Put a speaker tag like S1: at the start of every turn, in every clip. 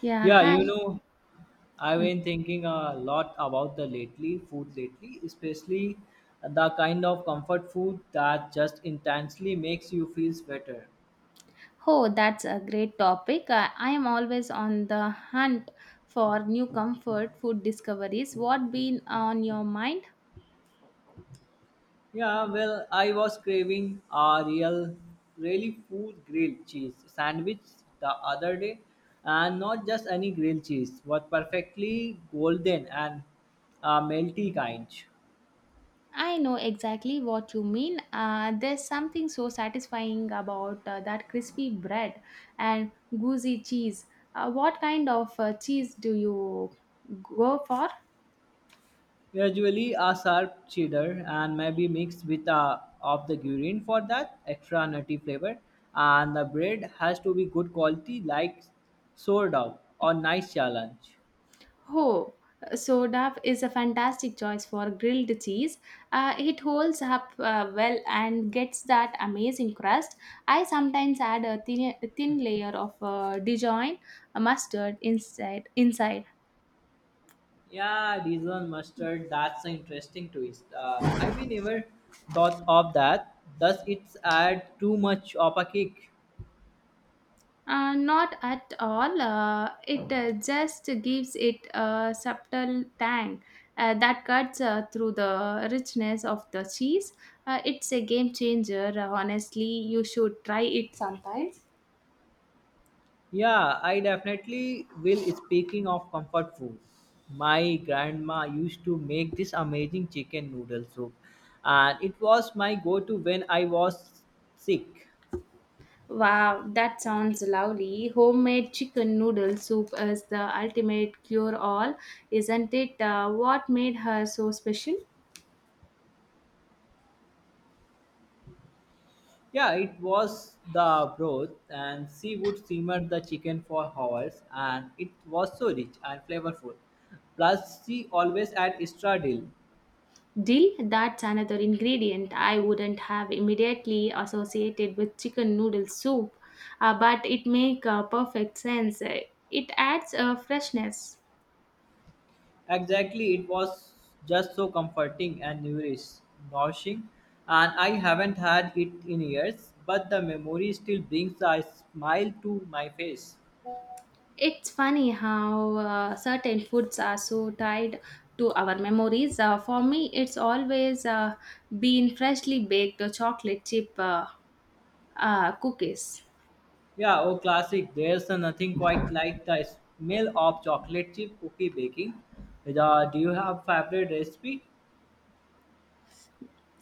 S1: Yeah,
S2: Yeah, you
S1: hi.
S2: know, I've
S1: Mm.
S2: been thinking a lot about the lately food lately, especially the kind of comfort food that just intensely makes you feel better.
S1: Oh, that's a great topic. I am always on the hunt for new comfort food discoveries. What been on your mind?
S2: Yeah, well, I was craving a real, really food grilled cheese sandwich the other day, and not just any grilled cheese, but perfectly golden and melty kind.
S1: I know exactly what you mean. There's something so satisfying about that crispy bread and gooey cheese. What kind of cheese do you go for?
S2: Gradually, a sharp cheddar and maybe mixed with a of the green for that extra nutty flavor. And the bread has to be good quality, like sourdough or nice challenge.
S1: Oh, so duff is a fantastic choice for grilled cheese. It holds up well and gets that amazing crust. I sometimes add a thin layer of Dijon mustard inside. Inside,
S2: Yeah, Dijon mustard. That's an interesting twist. I we never thought of that. Does it add too much of a kick?
S1: not at all. It just gives it a subtle tang that cuts through the richness of the cheese. It's a game changer. Honestly, you should try it sometimes.
S2: Yeah, I definitely will. Speaking of comfort food, my grandma used to make this amazing chicken noodle soup, and it was my go to when I was sick.
S1: Wow, that sounds lovely. Homemade chicken noodle soup is the ultimate cure all, isn't it? What made her so special?
S2: Yeah, it was the broth, and she would simmer the chicken for hours, and it was so rich and flavorful. Plus, she always add extra dill.
S1: Dill, that's another ingredient I wouldn't have immediately associated with chicken noodle soup, but it makes perfect sense. It adds a freshness.
S2: Exactly, it was just so comforting and nourishing, and I haven't had it in years, but the memory still brings a smile to my face.
S1: It's funny how certain foods are so tied to our memories. For me, it's always been freshly baked chocolate chip cookies.
S2: Yeah, oh, classic. There's nothing quite like the smell of chocolate chip cookie baking. The, do you have favorite recipe?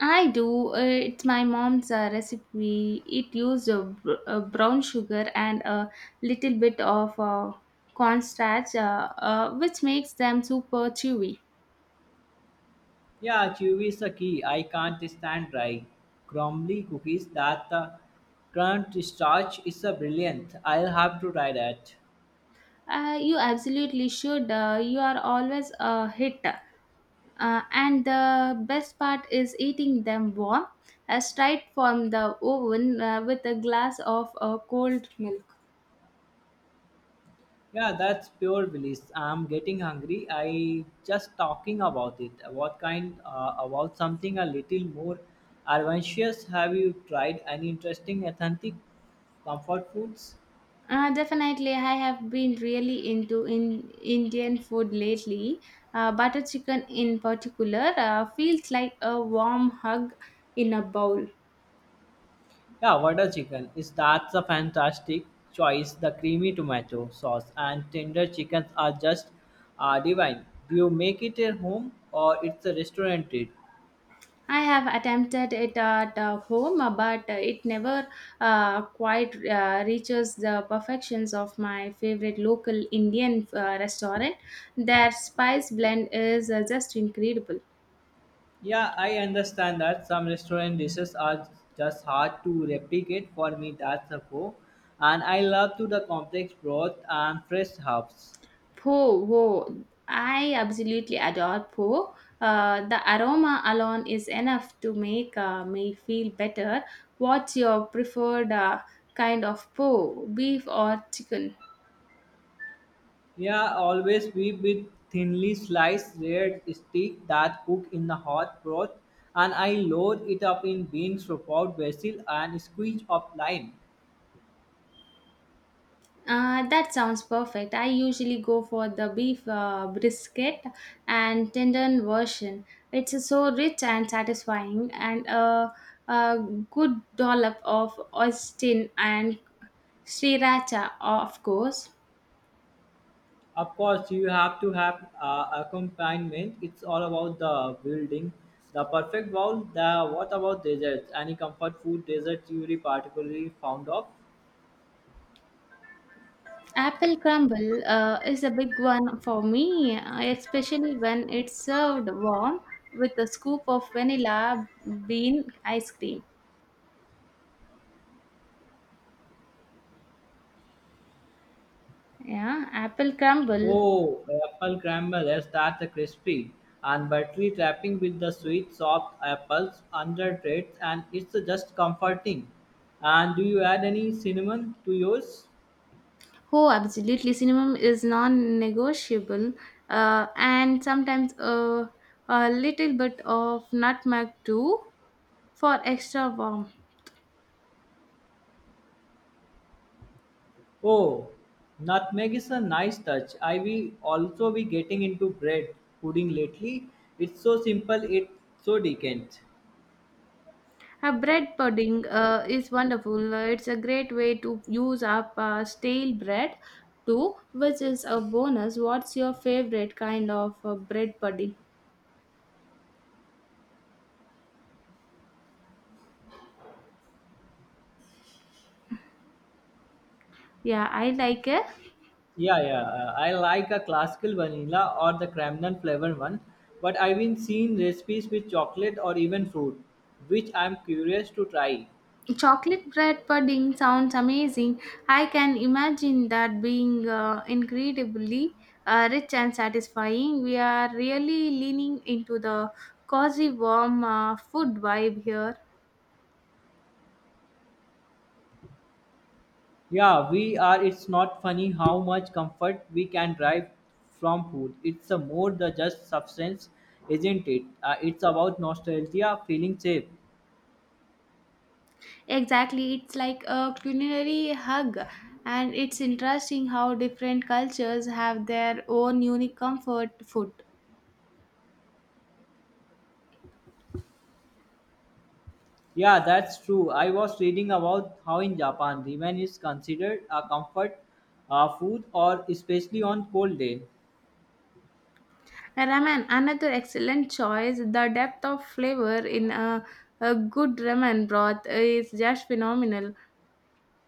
S1: I do. It's my mom's recipe. It uses brown sugar and a little bit of cornstarch, which makes them super chewy.
S2: Yeah, chewy is the key. I can't stand dry, crumbly cookies that the crunch starch is a brilliant. I'll have to try that.
S1: You absolutely should. You are always a hit. And the best part is eating them warm, straight from the oven with a glass of cold milk.
S2: Yeah, that's pure bliss. I'm getting hungry. I just talking about it. What kind about something a little more adventurous? Have you tried any interesting authentic comfort foods?
S1: Definitely, I have been really into in Indian food lately. Butter chicken, in particular, feels like a warm hug in a bowl.
S2: Yeah, water chicken is that's a fantastic choice. The creamy tomato sauce and tender chickens are just divine. Do you make it at home or it's a restaurant treat?
S1: I have attempted it at home, but it never quite reaches the perfections of my favorite local Indian restaurant. Their spice blend is just incredible.
S2: Yeah, I understand that some restaurant dishes are just hard to replicate. For me, that's a go. And I love to the complex broth and fresh herbs.
S1: Po, wo, I absolutely adore po. The aroma alone is enough to make me feel better. What's your preferred kind of po, beef or chicken?
S2: Yeah, always be with thinly sliced red steak that cook in the hot broth, and I load it up in bean, sauteed basil, and squeeze of lime.
S1: That sounds perfect. I usually go for the beef brisket and tendon version. It's so rich and satisfying, and a good dollop of Austin and sriracha, of course.
S2: Of course, you have to have accompaniment. It's all about the building, the perfect bowl. The what about desserts? Any comfort food dessert you really particularly fond of?
S1: Apple crumble is a big one for me, especially when it's served warm with a scoop of vanilla bean ice cream. Yeah, apple crumble.
S2: Oh, apple crumble. Yes, that's a crispy and buttery topping with the sweet, soft apples under it, and it's just comforting. And do you add any cinnamon to yours?
S1: Oh, absolutely. Cinema is non-negotiable, and sometimes a little bit of nutmeg too for extra warmth.
S2: Oh, nutmeg is a nice touch. I will also be getting into bread pudding lately. It's so simple, it's so decadent.
S1: A bread pudding is wonderful. It's a great way to use up stale bread too, which is a bonus. What's your favorite kind of bread pudding? Yeah, I like it.
S2: Yeah, yeah. I like a classical vanilla or the cranberry flavored one, but I've been seeing recipes with chocolate or even fruit, which I'm curious to try.
S1: Chocolate bread pudding sounds amazing. I can imagine that being incredibly rich and satisfying. We are really leaning into the cozy, warm food vibe here.
S2: Yeah, we are. It's not funny how much comfort we can derive from food. It's a more the just substance, isn't it? It's about nostalgia, feeling safe.
S1: Exactly, it's like a culinary hug, and it's interesting how different cultures have their own unique comfort food.
S2: Yeah, that's true. I was reading about how in Japan ramen is considered a comfort food or especially on cold day.
S1: Ramen, another excellent choice. The depth of flavor in a good ramen broth is just phenomenal.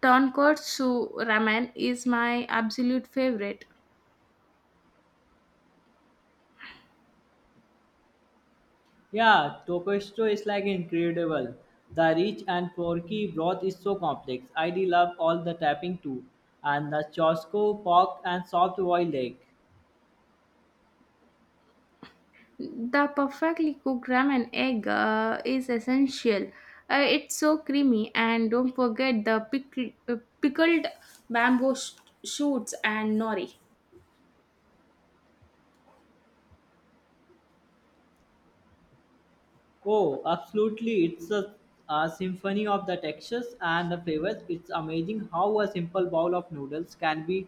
S1: Tonkotsu ramen is my absolute favorite.
S2: Yeah, tokushito is like incredible. The rich and porky broth is so complex. I do love all the tapping too. And the chosco pork and soft boiled egg.
S1: The perfectly cooked ramen egg is essential. It's so creamy, and don't forget the pickled bamboo shoots and nori.
S2: Oh, absolutely. It's a symphony of the textures and the flavors. It's amazing how a simple bowl of noodles can be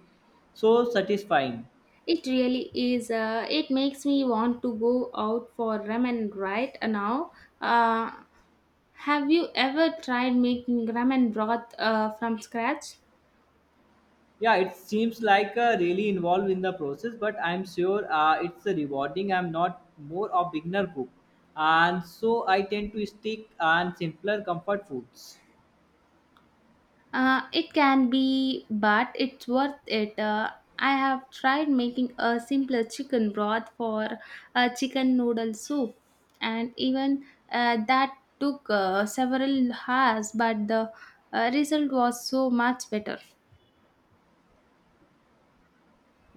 S2: so satisfying.
S1: It really is. It makes me want to go out for ramen right now. Uh, have you ever tried making ramen broth from scratch?
S2: Yeah, it seems like really involved in the process, but I'm sure it's a rewarding. I'm not more of beginner cook, and so I tend to stick on simpler comfort foods.
S1: It can be, but it's worth it. I have tried making a simpler chicken broth for a chicken noodle soup, and even that took several hours, but the result was so much better.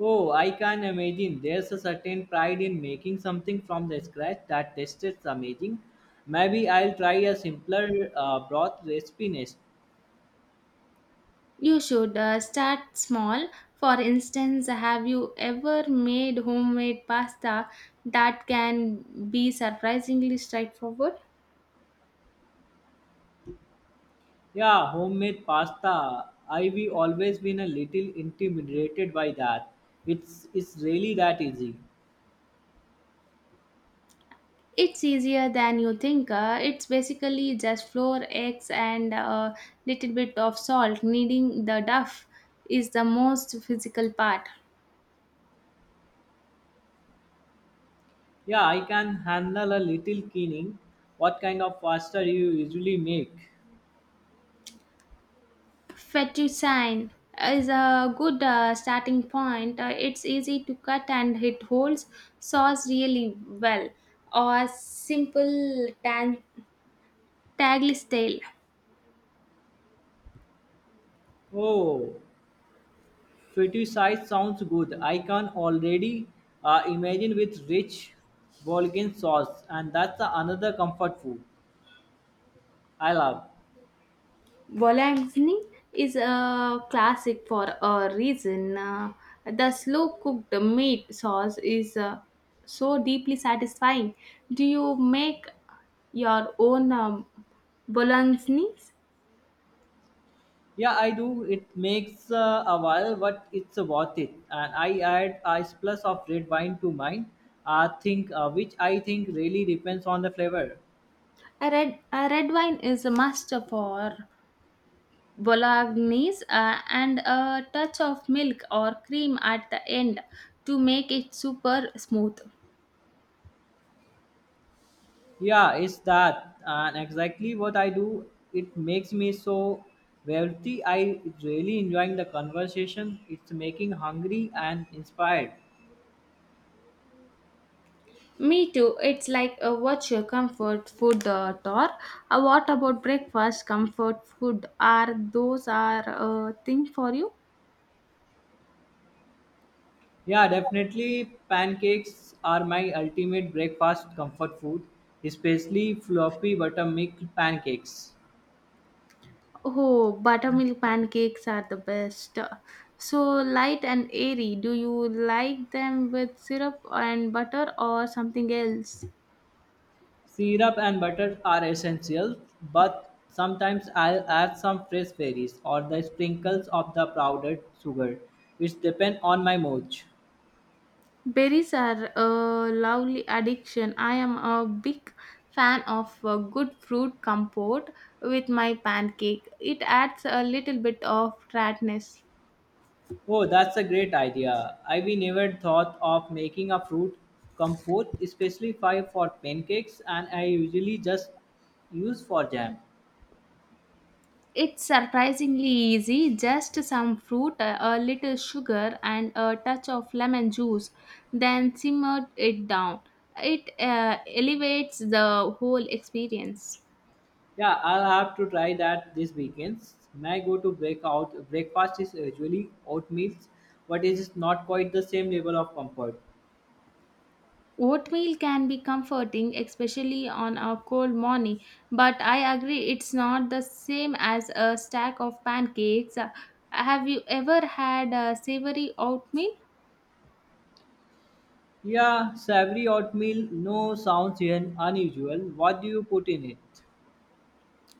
S2: Oh, I can imagine there's a certain pride in making something from the scratch that tastes amazing. Maybe I'll try a simpler broth recipe next.
S1: You should start small. For instance, have you ever made homemade pasta that can be surprisingly straightforward?
S2: Yeah, homemade pasta, I've always been a little intimidated by that. It's really that easy?
S1: It's easier than you think. It's basically just flour, eggs, and a little bit of salt. Kneading the duff is the most physical part.
S2: Yeah, I can handle a little cleaning. What kind of pasta do you usually make?
S1: Fettuccine is a good starting point. It's easy to cut and it holds sauce really well. Or simple tagliatelle.
S2: Oh, fettuccine sounds good. I can already imagine with rich Bulgarian sauce, and that's another comfort food I love.
S1: Bolognese is a classic for a reason. The slow cooked meat sauce is so deeply satisfying. Do you make your own Bolognese?
S2: Yeah, I do. It makes a while, but it's worth it. And I add a splash of red wine to mine. Which I think really depends on the flavor.
S1: A red wine is a must for Bolognese and a touch of milk or cream at the end to make it super smooth.
S2: Yeah, it's that, and exactly what I do. It makes me so wealthy. I really enjoying the conversation. It's making hungry and inspired.
S1: Me too. It's like what's your comfort food tour? What about breakfast comfort food? Are those are thing for you?
S2: Yeah, definitely pancakes are my ultimate breakfast comfort food, especially fluffy buttermilk pancakes.
S1: Oh, buttermilk pancakes are the best. So light and airy. Do you like them with syrup and butter or something else?
S2: Syrup and butter are essential, but sometimes I'll add some fresh berries or the sprinkles of the powdered sugar. It depends on my mood.
S1: Berries are a lovely addiction. I am a big fan of a good fruit compote with my pancake. It adds a little bit of tartness.
S2: Oh, that's a great idea. I have never thought of making a fruit compote, especially for pancakes, and I usually just use for jam.
S1: It's surprisingly easy, just some fruit, a little sugar, and a touch of lemon juice, then simmer it down. It elevates the whole experience.
S2: Yeah, I'll have to try that this weekend. My go-to breakout breakfast is usually oatmeal, but it is not quite the same level of comfort.
S1: Oatmeal can be comforting, especially on a cold morning, but I agree it's not the same as a stack of pancakes. Have you ever had a savory oatmeal?
S2: Yeah, savory oatmeal no sounds unusual. What do you put in it?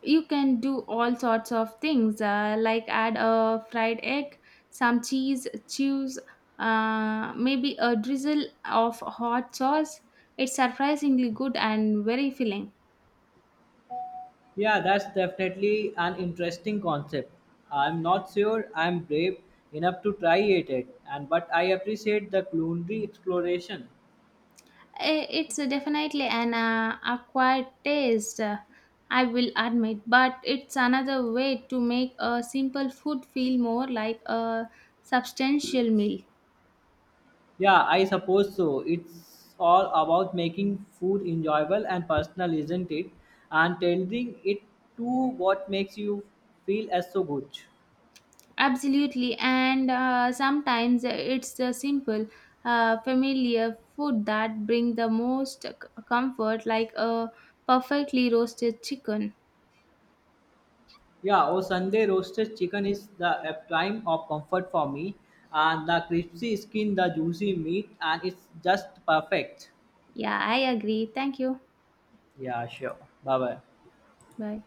S1: You can do all sorts of things, like add a fried egg, some cheese, chews, maybe a drizzle of hot sauce. It's surprisingly good and very filling.
S2: Yeah, that's definitely an interesting concept. I'm not sure I'm brave enough to try it, yet, and but I appreciate the culinary exploration.
S1: Eh, it's definitely an acquired taste, I will admit, but it's another way to make a simple food feel more like a substantial meal.
S2: Yeah, I suppose so. It's all about making food enjoyable and personal, isn't it? And tailoring it to what makes you feel as so good.
S1: Absolutely, and sometimes it's the simple, familiar food that bring the most comfort, like a perfectly roasted chicken.
S2: Yeah, oh Sunday roasted chicken is the a prime of comfort for me, and the crispy skin, the juicy meat, and it's just perfect.
S1: Yeah, I agree. Thank you.
S2: Yeah, sure. Bye bye.
S1: Bye.